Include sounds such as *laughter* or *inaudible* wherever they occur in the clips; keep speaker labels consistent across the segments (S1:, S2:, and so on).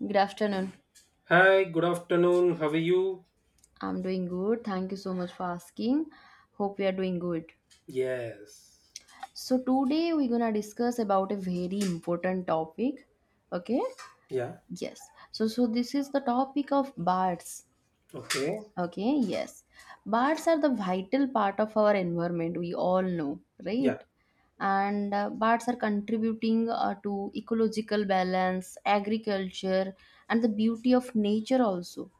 S1: Good afternoon.
S2: Hi, good afternoon. How are you?
S1: I'm doing good. Thank you so much for asking. Hope you are doing good.
S2: Yes.
S1: So today we're gonna discuss about a very important topic. Okay?
S2: Yeah.
S1: Yes. So this is the topic of birds.
S2: Okay.
S1: Okay, yes. Birds are the vital part of our environment, we all know, right?
S2: Yeah.
S1: And birds are contributing to ecological balance, agriculture, and the beauty of nature also,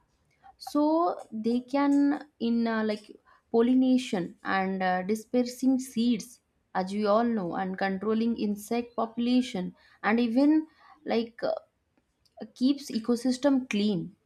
S1: so they can in like pollination and dispersing seeds, as we all know, and controlling insect population, and even like uh, keeps ecosystem clean.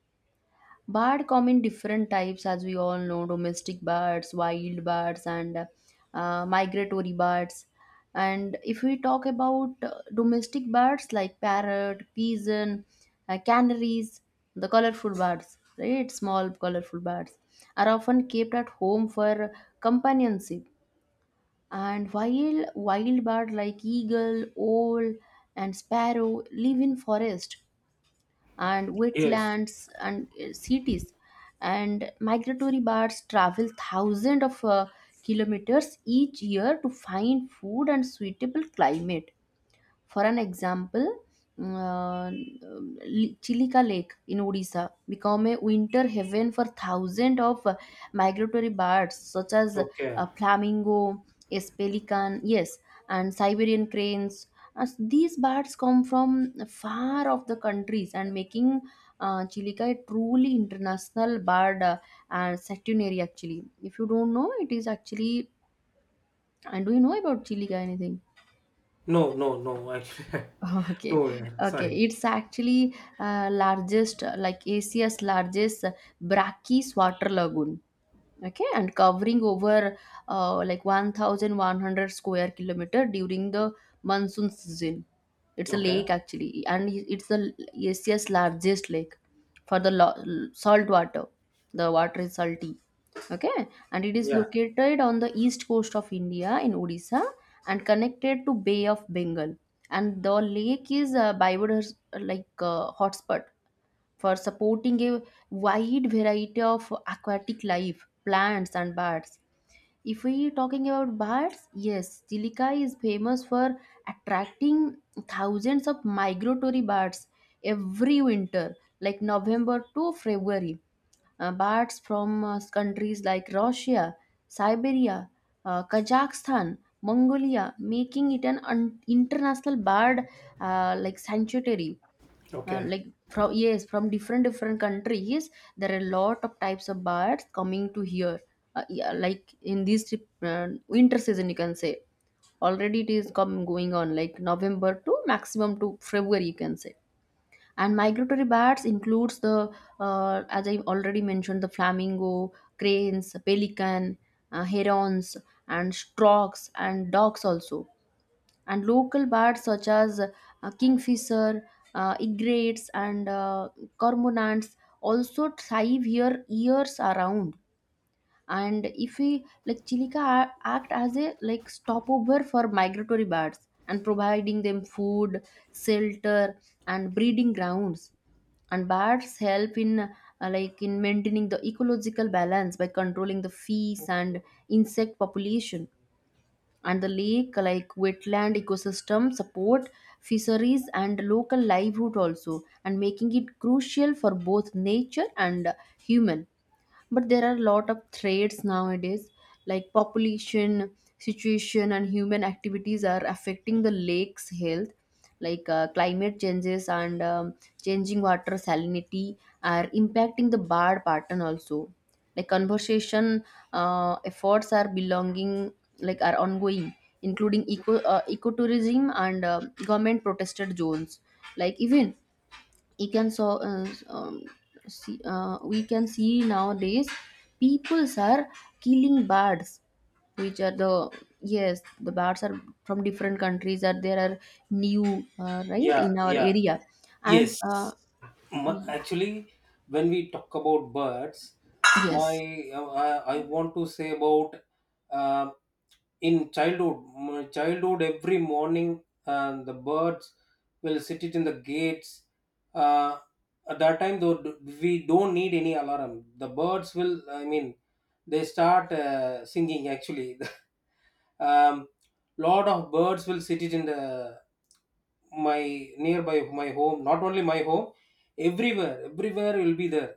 S1: Bird come in different types, as we all know: domestic birds, wild birds, and migratory birds. And if we talk about domestic birds like parrot, pigeon, canaries, the colorful birds, right? Small colorful birds are often kept at home for companionship. And while wild birds like eagle, owl, and sparrow live in forest and
S2: Yes.
S1: wetlands and cities, and migratory birds travel thousands of kilometers each year to find food and suitable climate. For an example, Chilika Lake in Odisha become a winter haven for thousands of migratory birds such as
S2: Okay.
S1: flamingo, yes, pelican, yes, and Siberian cranes. As these birds come from far off the countries and making Chilika a truly international bird and sanctuary actually. If you don't know, it is actually. And do you know about Chilika anything?
S2: No, no, no. Actually, *laughs*
S1: Okay,
S2: no, yeah,
S1: okay.
S2: sorry.
S1: It's actually largest, like Asia's largest brachys water lagoon, okay, and covering over like 1100 square kilometer during the monsoon season. It's a
S2: Okay.
S1: lake actually, and it's the asia's largest lake for the salt water. The water is salty, okay, and it is
S2: Yeah.
S1: located on the east coast of india in odisha and connected to bay of bengal. And the lake is a biodiverse hotspot for supporting a wide variety of aquatic life, plants and birds. If we talking about birds, yes, Chilika is famous for attracting thousands of migratory birds every winter, like November to February. Birds from countries like Russia, Siberia, Kazakhstan, Mongolia, making it an international bird like sanctuary,
S2: Okay.
S1: like, from, yes, from different different countries, there are a lot of types of birds coming to here. Yeah, like in this trip, winter season you can say, already it is come going on, like november to maximum to february you can say. And migratory birds includes the as I already mentioned, the flamingo, cranes, pelican, herons, and storks and ducks also, and local birds such as kingfisher, egrets, and cormorants also thrive here years around. And if we like, chilica act as a like stopover for migratory birds and providing them food, shelter, and breeding grounds. And birds help in like in maintaining the ecological balance by controlling the fees and insect population. And the lake, like wetland ecosystem, support fisheries and local livelihood also, and making it crucial for both nature and human. But there are a lot of threats nowadays, like population situation and human activities are affecting the lake's health, like climate changes and changing water salinity are impacting the bar pattern also. Like conservation efforts are belonging, like, are ongoing, including ecotourism and government protested zones. Like, even, you can so, uh, um, see, we can see nowadays peoples are killing birds, which are the, yes, the birds are from different countries, that there are new, right
S2: Yeah,
S1: in our
S2: yeah.
S1: area. and
S2: Yes.
S1: uh, y-
S2: Actually, when we talk about birds, my
S1: yes,
S2: uh, I I want to say about um in childhood, childhood every morning, and the birds will sit it in the gates, uh, at that time though we don't need any alarm. The birds will, I mean, they start singing actually. *laughs* um, Lot of birds will sit it in the, my nearby, my home, not only my home, everywhere, everywhere will be there.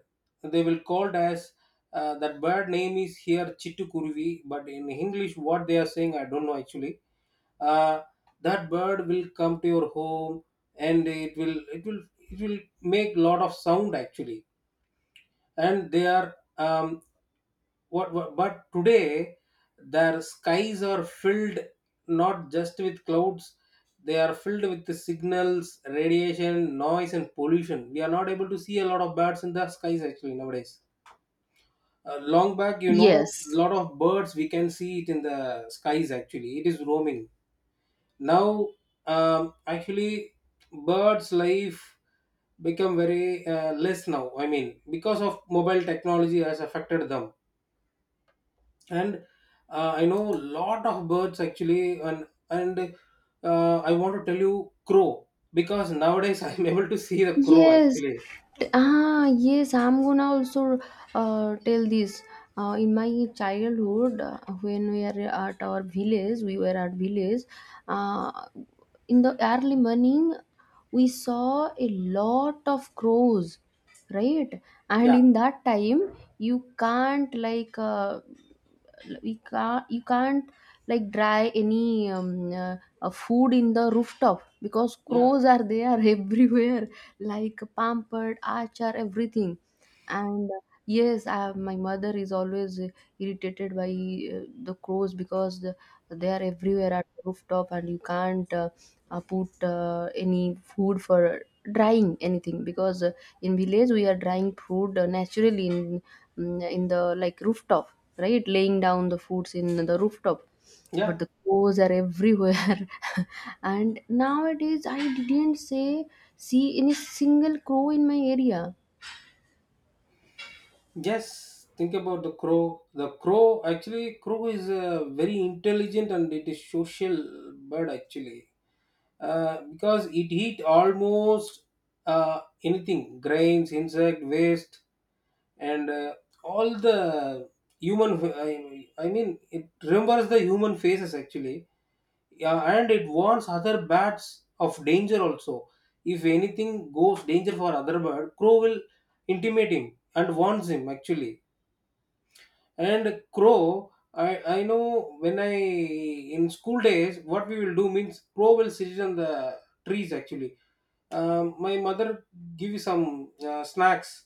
S2: They will called as that bird name is here Chittukurvi, but in English what they are saying I don't know actually. uh, that bird will come to your home, and it will it will make lot of sound actually. And they are, what, but today their skies are filled not just with clouds. They are filled with the signals, radiation, noise and pollution. We are not able to see a lot of birds in the skies actually nowadays. Long back, you know,
S1: yes.
S2: lot of birds we can see it in the skies actually, it is roaming. Now, actually birds life become very less now, I mean because of mobile technology has affected them. And I know lot of birds actually, and I want to tell you crow, because nowadays *laughs* I'm able to see the crow
S1: Yes,
S2: actually.
S1: ah, yes, I'm gonna also tell this. In my childhood, when we are at our village, we were at village. Uh, in the early morning, we saw a lot of crows, right? And
S2: Yeah,
S1: in that time, you can't like dry any food in the rooftop because
S2: yeah,
S1: crows are there *laughs* everywhere, like pampered archer everything. And Yes, my mother is always irritated by the crows, because they are everywhere at the rooftop, and you can't put any food for drying anything, because in village we are drying food naturally in in the like rooftop, right, laying down the foods in the rooftop. But
S2: yeah,
S1: the crows are everywhere *laughs* and nowadays I didn't say, see any single crow in my area.
S2: yes. Think about the crow, the crow. Actually, crow is very intelligent, and it is social bird actually, because it eat almost anything, grains, insect waste, and all the human, I mean, it remembers the human faces actually. Yeah, and it warns other bats of danger also. If anything goes danger for other bird, crow will intimate him and warns him actually. And crow, I know, when I in school days, what we will do means crow will sit on the trees actually. My mother give you some snacks.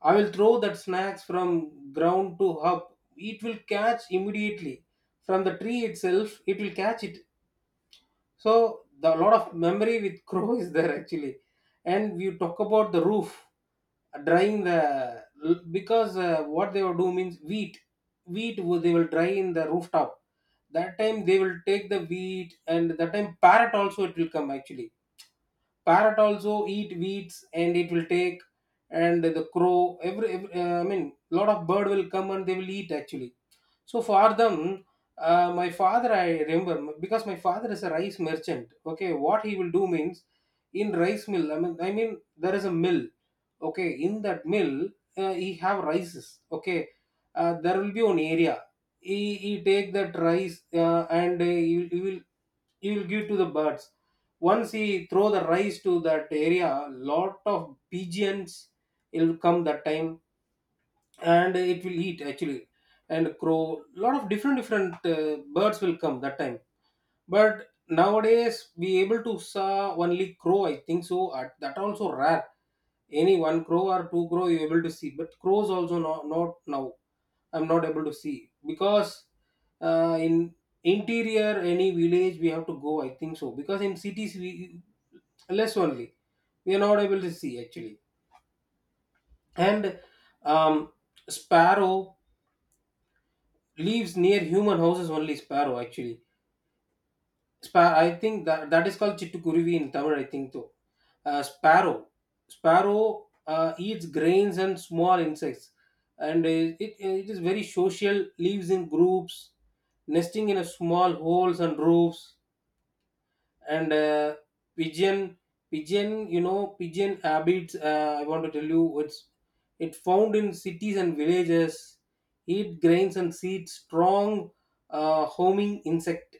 S2: I will throw that snacks from ground to up. It will catch immediately from the tree itself. It will catch it. So the lot of memory with crow *laughs* is there actually. And we talk about the roof, drying the, because what they will do means wheat, wheat, they will dry in the rooftop. That time they will take the wheat, and that time parrot also it will come actually. Parrot also eat weeds and it will take, and the crow, every I mean lot of bird will come and they will eat actually. So for them, my father, I remember, because my father is a rice merchant. Okay, what he will do means, in rice mill, I mean there is a mill. Okay, in that mill, he have rices. Okay, there will be one area. He take that rice, and he will, he will give to the birds. Once he throw the rice to that area, lot of pigeons will come that time, and it will eat actually. And crow, lot of different different birds will come that time. But nowadays we able to saw only crow I think so. At, that also rare, any one crow or two crow you able to see. But crows also not now I'm not able to see, because in interior, any village we have to go I think so. Because in cities we less only. We are not able to see actually. And um, sparrow lives near human houses only, sparrow actually. I think that that is called Chittukuruvi in Tamil, I think so. Sparrow. Sparrow eats grains and small insects, and it it is very social. Lives in groups, nesting in a small holes and roofs. And pigeon, pigeon, you know, pigeon habits. I want to tell you, it's it found in cities and villages. Eat grains and seeds. Strong, homing insect,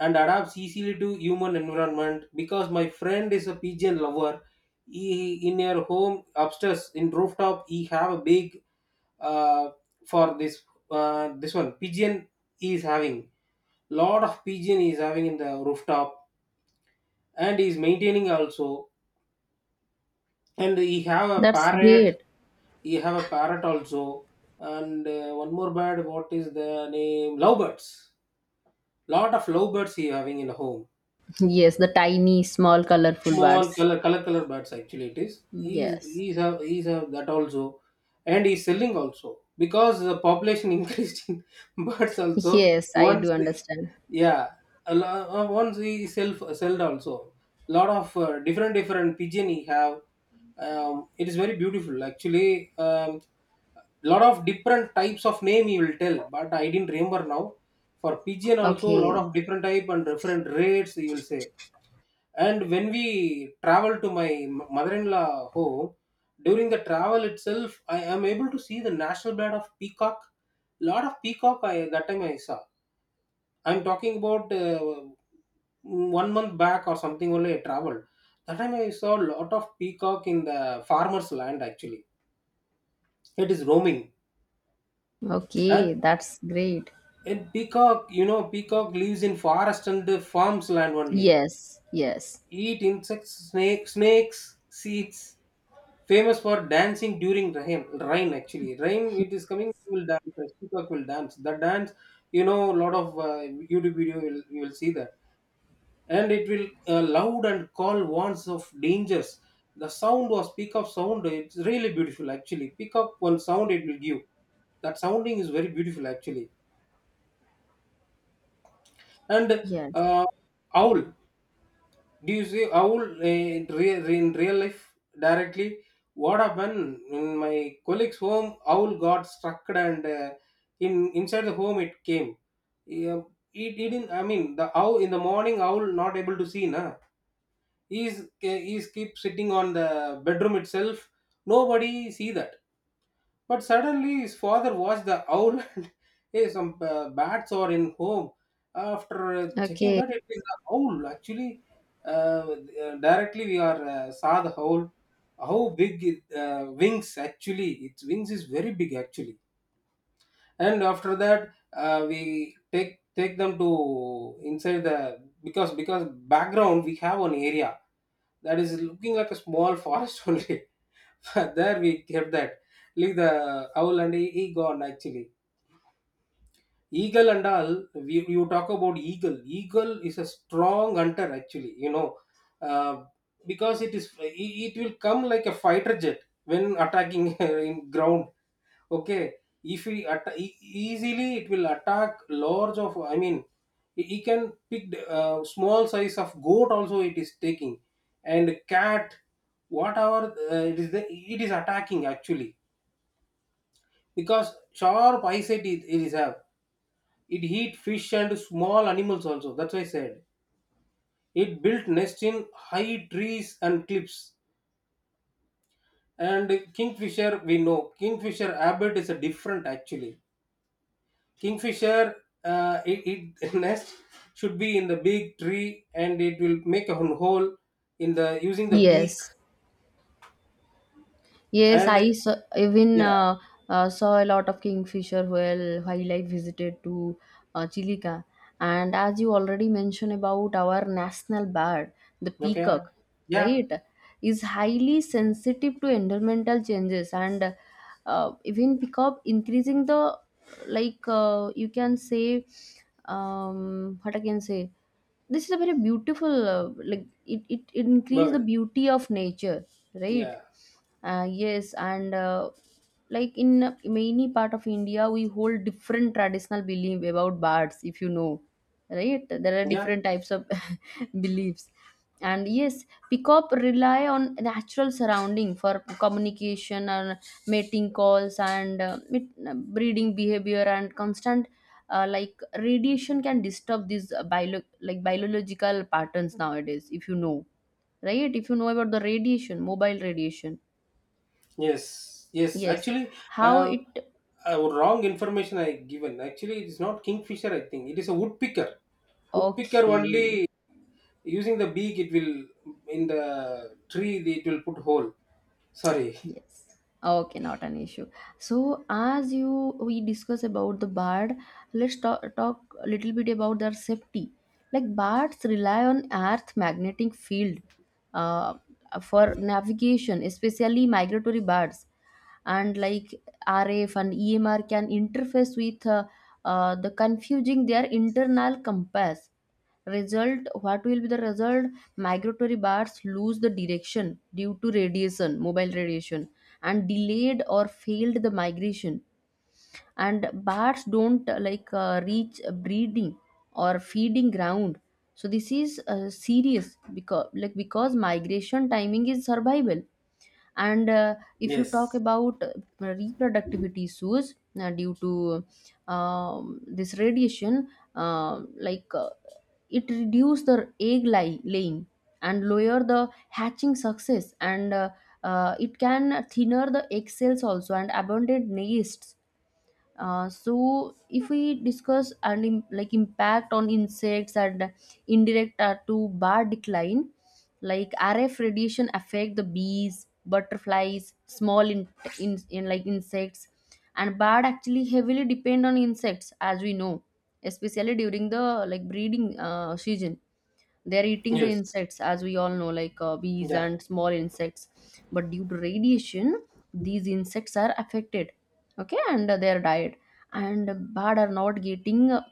S2: and adapts easily to human environment, because my friend is a pigeon lover. He, in her home upstairs in rooftop, he have a big uh, for this this one pigeon. He is having lot of pigeon he is having in the rooftop, and he is maintaining also. And he have a
S1: That's
S2: parrot,
S1: great.
S2: he have a parrot also. And one more bird, what is the name, lovebirds. Lot of lovebirds he having in the home.
S1: *laughs* Yes, the tiny small colorful
S2: Small
S1: birds.
S2: color color color birds actually it is. he's
S1: Yes.
S2: he's have he's have that also. And he's selling also, because the population *laughs* increased in birds also.
S1: Yes, I
S2: Once
S1: do
S2: they,
S1: understand.
S2: yeah, once he sell, sold also, lot of different different pigeon he have. It is very beautiful actually. um, Lot of different types of name he will tell, but I didn't remember now. For pigeon also, lot
S1: Okay.
S2: of different type and different rates he will say. And when we travel to my mother-in-law home, during the travel itself, I am able to see the national bird of peacock. Lot of peacock I that time I saw. I'm talking about 1 month back or something only I traveled. That time I saw a lot of peacock in the farmer's land actually. It is roaming. And
S1: Okay, that's great.
S2: in peacock, you know, peacock lives in forest and the farm's land only.
S1: Yes. Yes.
S2: Eat insects, snake, snakes, seeds. Famous for dancing during rain. Rain actually, rain. It is coming, you will dance. The peacock will dance. The dance, you know, a lot of YouTube video will you will see that. And it will loud and call warns of dangers. The sound was peacock sound, it's really beautiful actually. Peacock one sound it will give. That sounding is very beautiful actually. And
S1: Yes.
S2: uh, owl. Do you see how in real life directly what happened in my colleague's home. Owl got struck, and in inside the home it came. Yeah, it didn't, I mean the owl in the morning owl not able to see na. He's, eh, he's keep sitting on the bedroom itself. Nobody see that. But suddenly his father watched the owl *laughs* and hey, some bats are in home. After checking
S1: Okay.
S2: that, it is the owl. Actually, uh, directly we are saw the owl. How big it, wings actually? Its wings is very big actually. And after that we take them to inside the, because background we have an area that is looking like a small forest *laughs* only. But there we kept that like the owl and he gone actually. Eagle and all we, you talk about eagle. Eagle is a strong hunter actually, you know, uh, because it is it will come like a fighter jet when attacking *laughs* in ground. Okay, if he easily it will attack large of, I mean he can pick the, small size of goat also it is taking, and cat, whatever it is attacking actually. Because sharp eyesight it is have. It eat fish and small animals also, that's why I said, it built nest in high trees and cliffs. And kingfisher, we know kingfisher habit is a different actually. Kingfisher, it *laughs* nest should be in the big tree, and it will make a hole in the using the beak.
S1: Yes. Yes, I
S2: And
S1: saw, even
S2: yeah,
S1: saw a lot of kingfisher while I visited to Chilika. And as you already mentioned about our national bird, the
S2: okay,
S1: peacock,
S2: yeah,
S1: right, is highly sensitive to environmental changes, and even peacock increasing the like you can say, what I can say. This is a very beautiful like it increase the
S2: bird,
S1: beauty of nature, right?
S2: yeah,
S1: Yes, and like in many part of India, we hold different traditional belief about bards. If you know, right? There are
S2: yeah,
S1: different types of *laughs* beliefs, and yes, pickup rely on natural surrounding for communication and mating calls and breeding behavior and constant. Like radiation can disturb these like biological patterns nowadays, if you know, right, if you know about the radiation, mobile radiation.
S2: yes, yes.
S1: Yes.
S2: Actually,
S1: How
S2: uh,
S1: it
S2: wrong information I given. Actually, it is not kingfisher, I think it is a woodpecker. Woodpecker
S1: okay.
S2: only using the beak. It will in the tree, it will put hole. Sorry.
S1: Yes. Okay, not an issue. So as you we discuss about the bird, let's talk a little bit about their safety. Like, birds rely on earth magnetic field uh, for navigation, especially migratory birds. And like, RF and EMR can interface with the confusing their internal compass. Result, what will be the result? Migratory birds lose the direction due to radiation, mobile radiation, and delayed or failed the migration, and bats don't reach breeding or feeding ground. So this is serious, because like, because migration timing is survival. And if you talk
S2: Yes.
S1: about reproductive issues due to this radiation, uh, like uh, it reduce the egg laying and lower the hatching success, and it can thinner the egg cells also, and abundant nests. So if we discuss and like impact on insects, and indirect to bar decline, like RF radiation affect the bees, butterflies, small in like insects. And bird actually heavily depend on insects, as we know, especially during the like breeding season. They're eating the
S2: Yes.
S1: insects, as we all know, like bees
S2: Yeah.
S1: and small insects. But due to radiation, these insects are affected, okay, and their diet. And bird are not getting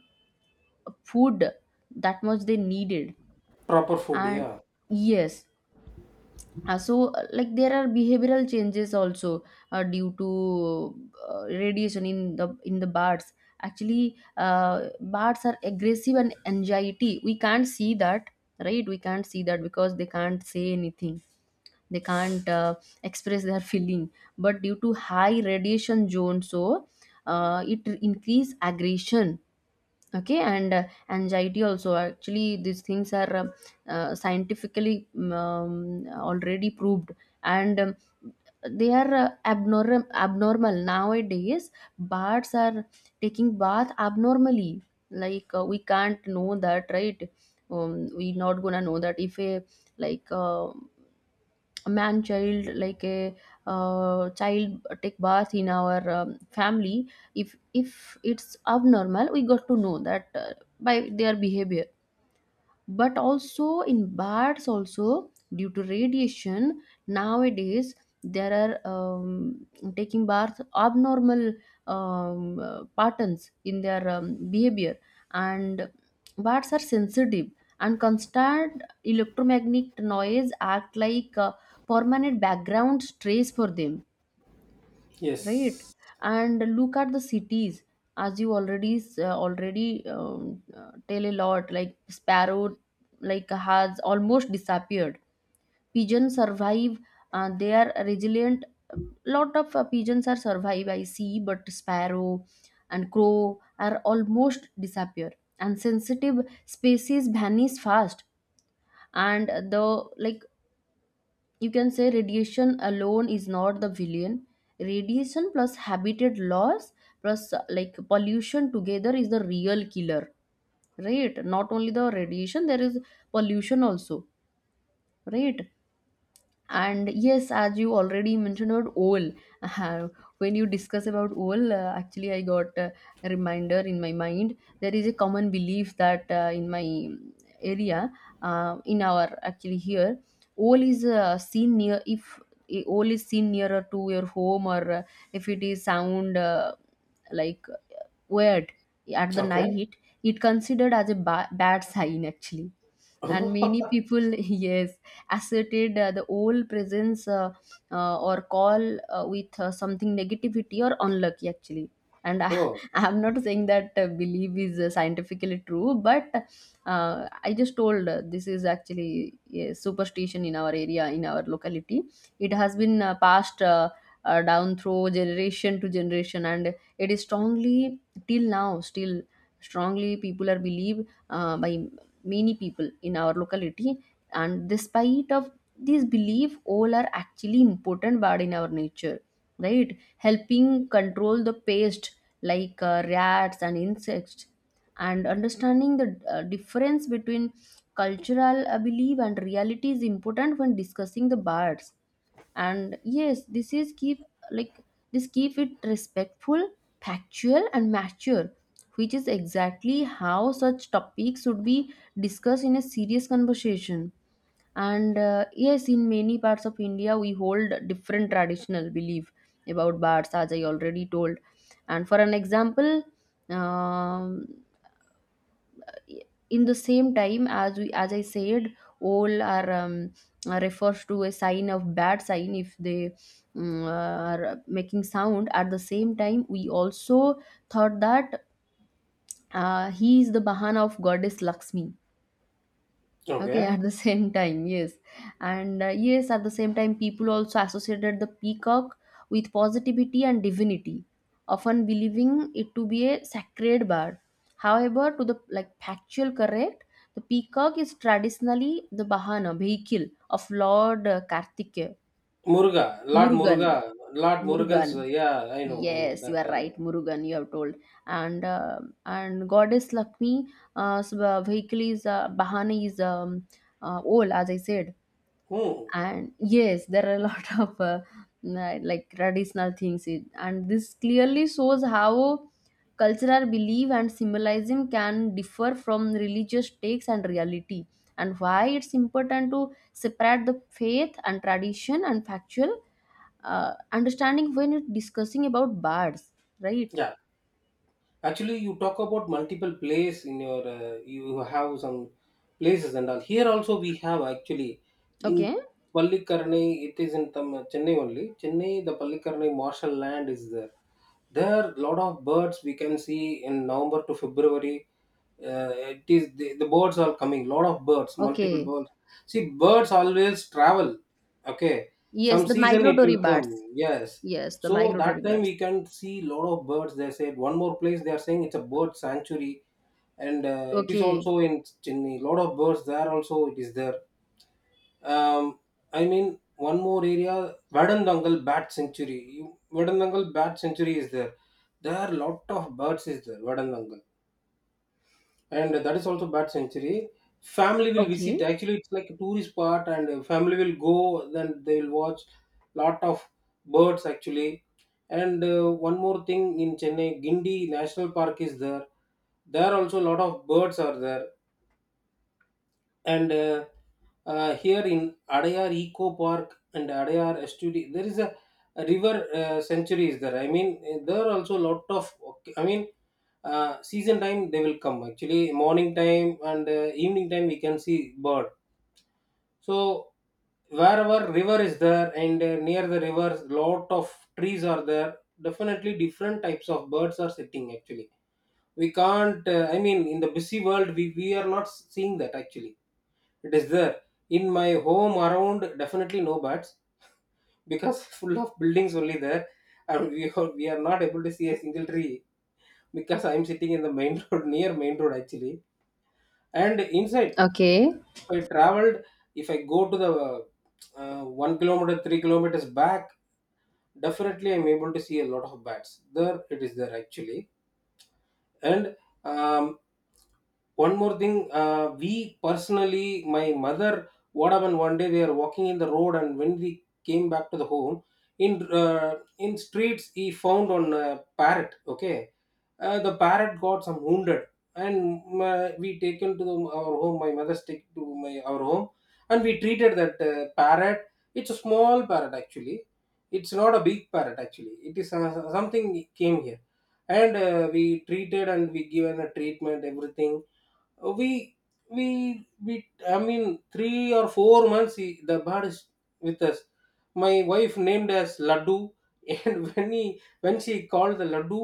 S1: food that much they needed.
S2: Proper food.
S1: And
S2: Yeah.
S1: yes, like there are behavioral changes also due to radiation in the bats. Actually, bats are aggressive and anxiety. We can't see that, right? We can't see that because they can't say anything, they can't express their feeling. But due to high radiation zone, so it increase aggression, okay, and anxiety also. Actually, these things are scientifically already proved. And they are abnormal nowadays. Birds are taking bath abnormally, we can't know that right. We not gonna know that if a like uh, a man child like a child take bath in our family, if it's abnormal we got to know that by their behavior. But also in bats also, due to radiation nowadays, there are taking baths abnormal patterns in their behavior. And bats are sensitive, and constant electromagnetic noise act like a permanent background stress for them, right.
S2: Yes.
S1: And look at the cities. As you already already tell a lot, like sparrow, like, has almost disappeared. Pigeons survive, they are resilient. Lot of pigeons are survive I see, but sparrow and crow are almost disappear, and sensitive species vanish fast. And the, like, you can say radiation alone is not the villain. Radiation plus habitat loss plus like pollution together is the real killer, right? Not only the radiation, there is pollution also, right. And yes, as you already mentioned about owl, uh, *laughs* when you discuss about owl, actually I got a reminder in my mind. There is a common belief that in my area, in our, actually, here, owl is seen near, if a owl is seen nearer to your home or if it is sound like weird at the
S2: Okay.
S1: night, it considered as a bad sign actually.
S2: *laughs*
S1: And many people *laughs* yes asserted the old presence or call with something negativity or unlucky actually. And
S2: Oh,
S1: *laughs* I'm not saying that belief is scientifically true, but I just told, this is actually a Superstition in our area, in our locality. It has been passed down through generation to generation, and it is strongly, till now still strongly, people are believed by many people in our locality. And despite of this belief, all are actually important but in our nature, right, helping control the pest like rats and insects. And understanding the difference between cultural belief and reality is important when discussing the birds. And yes, this keep it respectful, factual and mature, which is exactly how such topics should be discussed in a serious conversation. And yes, in many parts of India we hold different traditional belief about baths, as I already told. And for an example, um, in the same time, as I said, all are refers to a sign of bad sign if they are making sound. At the same time, we also thought that he is the bahana of goddess Lakshmi. Okay, *laughs*
S2: okay.
S1: at the same time, yes. And yes, at the same time, people also associated the peacock with positivity and divinity, often believing it to be a sacred bird. However, to the like factual correct, the peacock is traditionally the bahana, vehicle of Lord Kartikeya,
S2: Muruga, Lord Muruga,
S1: Murugan,
S2: Lord Murugan's.
S1: Murugan.
S2: Yeah, I know
S1: Yes, you
S2: that.
S1: are
S2: I
S1: right,
S2: know.
S1: Murugan. You have told, and uh, and goddess Lakshmi, vehicle is Bahana is old, as I said,
S2: Hmm.
S1: and yes there are a lot *laughs* of traditional things in, and this clearly shows how cultural belief and symbolism can differ from religious texts and reality, and why it's important to separate the faith and tradition and factual understanding when it's discussing about bards, right.
S2: Yeah. Actually, you talk about multiple plays in your. You have some places and all. Here also we have actually in
S1: Okay.
S2: Pallikarnai. It is in Chennai only. Chennai, the Pallikarnai martial land is there. There are lot of birds we can see in November to February. It is the birds are coming. Lot of birds, multiple
S1: Okay.
S2: birds. See, birds always travel. Okay,
S1: Yes,
S2: some
S1: the
S2: season it
S1: migratory
S2: will
S1: birds.
S2: come. Yes,
S1: Yes, the
S2: so
S1: migratory
S2: that time
S1: birds.
S2: we can see lot of birds. They said one more place they are saying it's a bird sanctuary, and it is
S1: Okay.
S2: also in Chennai. Lot of birds there also it is there. Um, I mean one more area Vadandangal Bat Sanctuary. Vadandangal Bat Sanctuary is there. There are lot of birds is there Vadandangal, and that is also bad century. Family will
S1: Okay.
S2: visit. Actually, it's like a tourist spot, and family will go, then they will watch lot of birds actually. And one more thing, in Chennai Gindi National Park is there. There also a lot of birds are there. And here in Adayar Eco Park and Adayar Estuary, there is a river sanctuary is there. I mean, there are also lot of. Okay, I mean, season time they will come. Actually, morning time and evening time we can see bird. So wherever river is there, and near the river, lot of trees are there. Definitely, different types of birds are sitting. Actually, we can't. I mean, in the busy world, we are not seeing that, actually it is there. In my home around, definitely no bats because *laughs* full of buildings only there, and we are not able to see a single tree, because I'm sitting in the main *laughs* road, near main road actually. And inside,
S1: Okay.
S2: if I traveled, if I go to the 1 kilometer, 3 kilometers back, definitely I'm able to see a lot of bats. There it is there actually. And um, one more thing, we personally, my mother, what happened one day, we are walking in the road, and when we came back to the home, in streets, he found on a parrot. Okay, the parrot got some wounded, and we taken to the, our home. My mother's take to my our home, and we treated that parrot. It's a small parrot actually. It's not a big parrot actually. It is something came here, and we treated and we given a treatment everything. Uh, we we we I mean 3 or 4 months he, the bird is with us. My wife named as Laddu. *laughs* And when he, when she called the Laddu,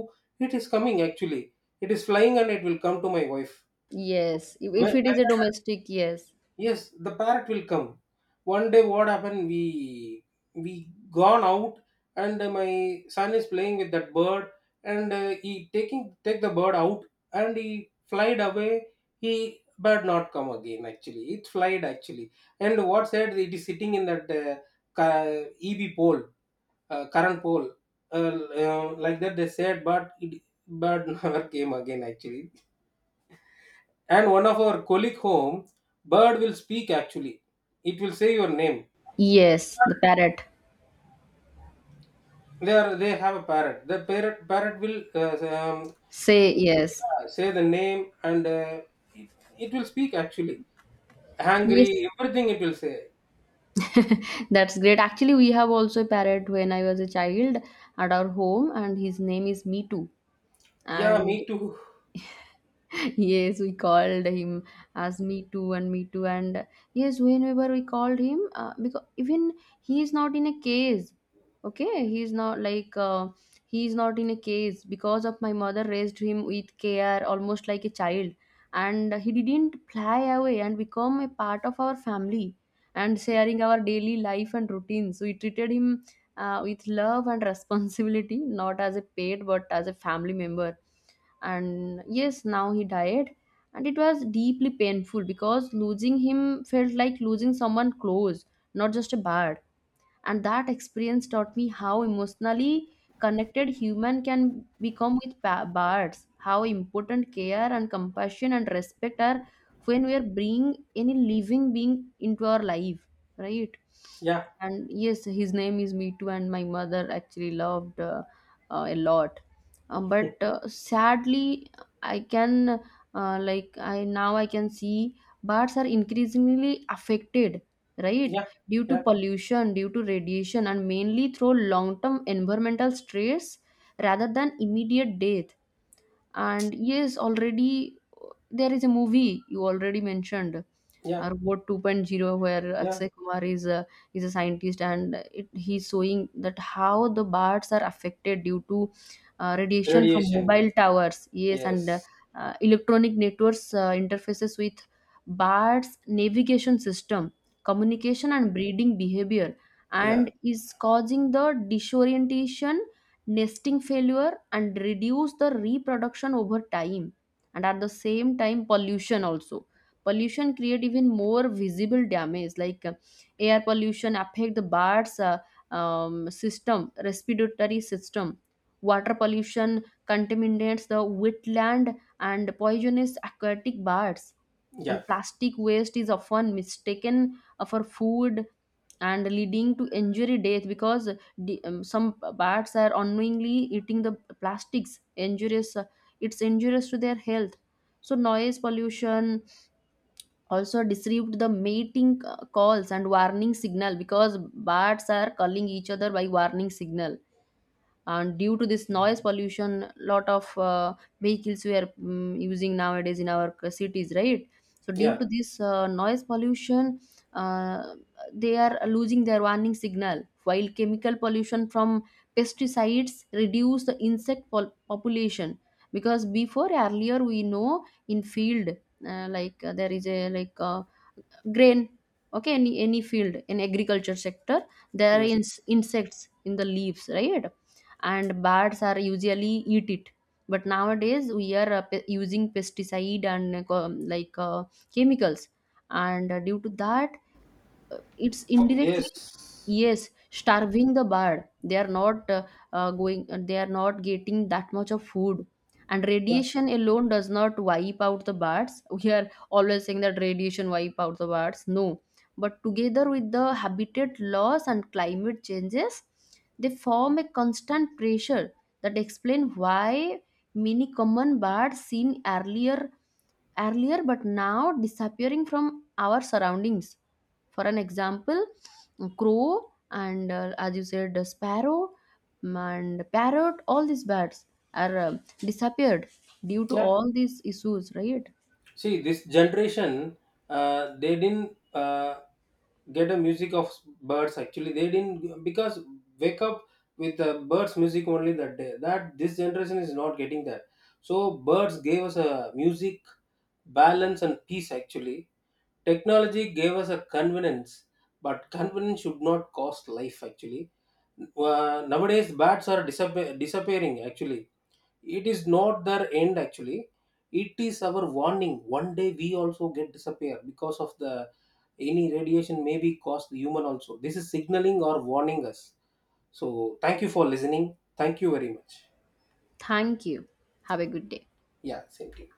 S2: it is coming actually. It is flying and it will come to my wife
S1: Yes. If,
S2: when.
S1: if it is a domestic, yes.
S2: Yes, the parrot will come. One day, what happened? We gone out, and my son is playing with that bird, and he taking take the bird out, and he flied away. He Bird not come again. Actually, it flied actually, and what said it is sitting in that EB pole, current pole, uh, like that they said, but it bird *laughs* never came again. Actually, and one of our colleague home, bird will speak actually. It will say your name.
S1: Yes, the parrot.
S2: They have a parrot. The parrot will
S1: Say yes.
S2: yeah, say the name, and it, it will speak actually.
S1: Yes.
S2: Hungry, everything it will say.
S1: That's great. Actually, we have also a parrot when I was a child at our home, and his name is Mitu.
S2: Yeah,
S1: And
S2: me too.
S1: yes, we called him as me too and yes, whenever we called him, because even he is not in a case, okay, he is not like he is not in a case because of my mother raised him with care almost like a child, and he didn't fly away and become a part of our family and sharing our daily life and routines. We treated him with love and *laughs* responsibility, not as a pet but as a family member. And yes, now he died, and it was deeply painful because losing him felt like losing someone close, not just a bird. And that experience taught me how emotionally connected human can become with birds, how important care and compassion and respect are when we are bringing any living being into our life, right.
S2: Yeah,
S1: And yes, his name is Mitu and my mother actually loved a lot. But sadly, I can like I now I can see birds are increasingly affected, right,
S2: yeah,
S1: due to
S2: yeah,
S1: pollution, due to radiation, and mainly through long term environmental stress rather than immediate death. And yes, already there is a movie you already mentioned,
S2: yeah,
S1: robot 2.0, where
S2: yeah.
S1: Akshay Kumar is a scientist, and he's showing that how the birds are affected due to radiation from
S2: Radiation.
S1: mobile towers, yes, and
S2: Yes.
S1: electronic networks interfaces with birds navigation system, communication and breeding behavior,
S2: Yeah.
S1: and is causing the disorientation, nesting failure and reduce the reproduction over time. And at the same time, pollution also, pollution create even more visible damage. Like air pollution affect the birds system respiratory system, water pollution contaminates the wetland and poisonous aquatic birds,
S2: Yeah.
S1: and plastic waste is often mistaken for food and leading to injury death, because some bats are unknowingly eating the plastics, injurious, it's injurious to their health. So noise pollution also deceived the mating calls and warning signal, because bats are calling each other by warning signal, and due to this noise pollution, lot of vehicles we are using nowadays in our cities, right. So due
S2: Yeah.
S1: to this noise pollution, uh, they are losing their warning signal, while chemical pollution from pesticides reduce the population. Because before, earlier we know, in field, there is a like grain, okay, any field in agriculture sector, there are
S2: Yes.
S1: insects in the leaves, right, and birds are usually eat it, but nowadays we are using pesticide and like uh, chemicals, and due to that, it's
S2: Oh,
S1: indirectly,
S2: yes.
S1: yes, starving the bird. They are not going they are not getting that much of food. And
S2: Yeah.
S1: radiation alone does not wipe out the birds. We are always saying that radiation wipe out the birds, no, but together with the habitat loss and climate changes, they form a constant pressure that explain why many common birds seen earlier but now disappearing from our surroundings. For an example, crow and as you said, sparrow, and parrot, all these birds are disappeared due to
S2: Yeah.
S1: all these issues, right?
S2: See, this generation, they didn't get a music of birds. Actually, they didn't, because wake up with the birds music only that day. That this generation is not getting that. So birds gave us a music, balance and peace. Actually, technology gave us a convenience, but convenience should not cost life. Actually, nowadays bats are disappearing. Actually, it is not their end actually. It is our warning. One day we also get disappear, because of the any radiation may be caused the human also. This is signaling or warning us. So thank you for listening. Thank you very much.
S1: Thank you. Have a good day.
S2: Yeah, same to you.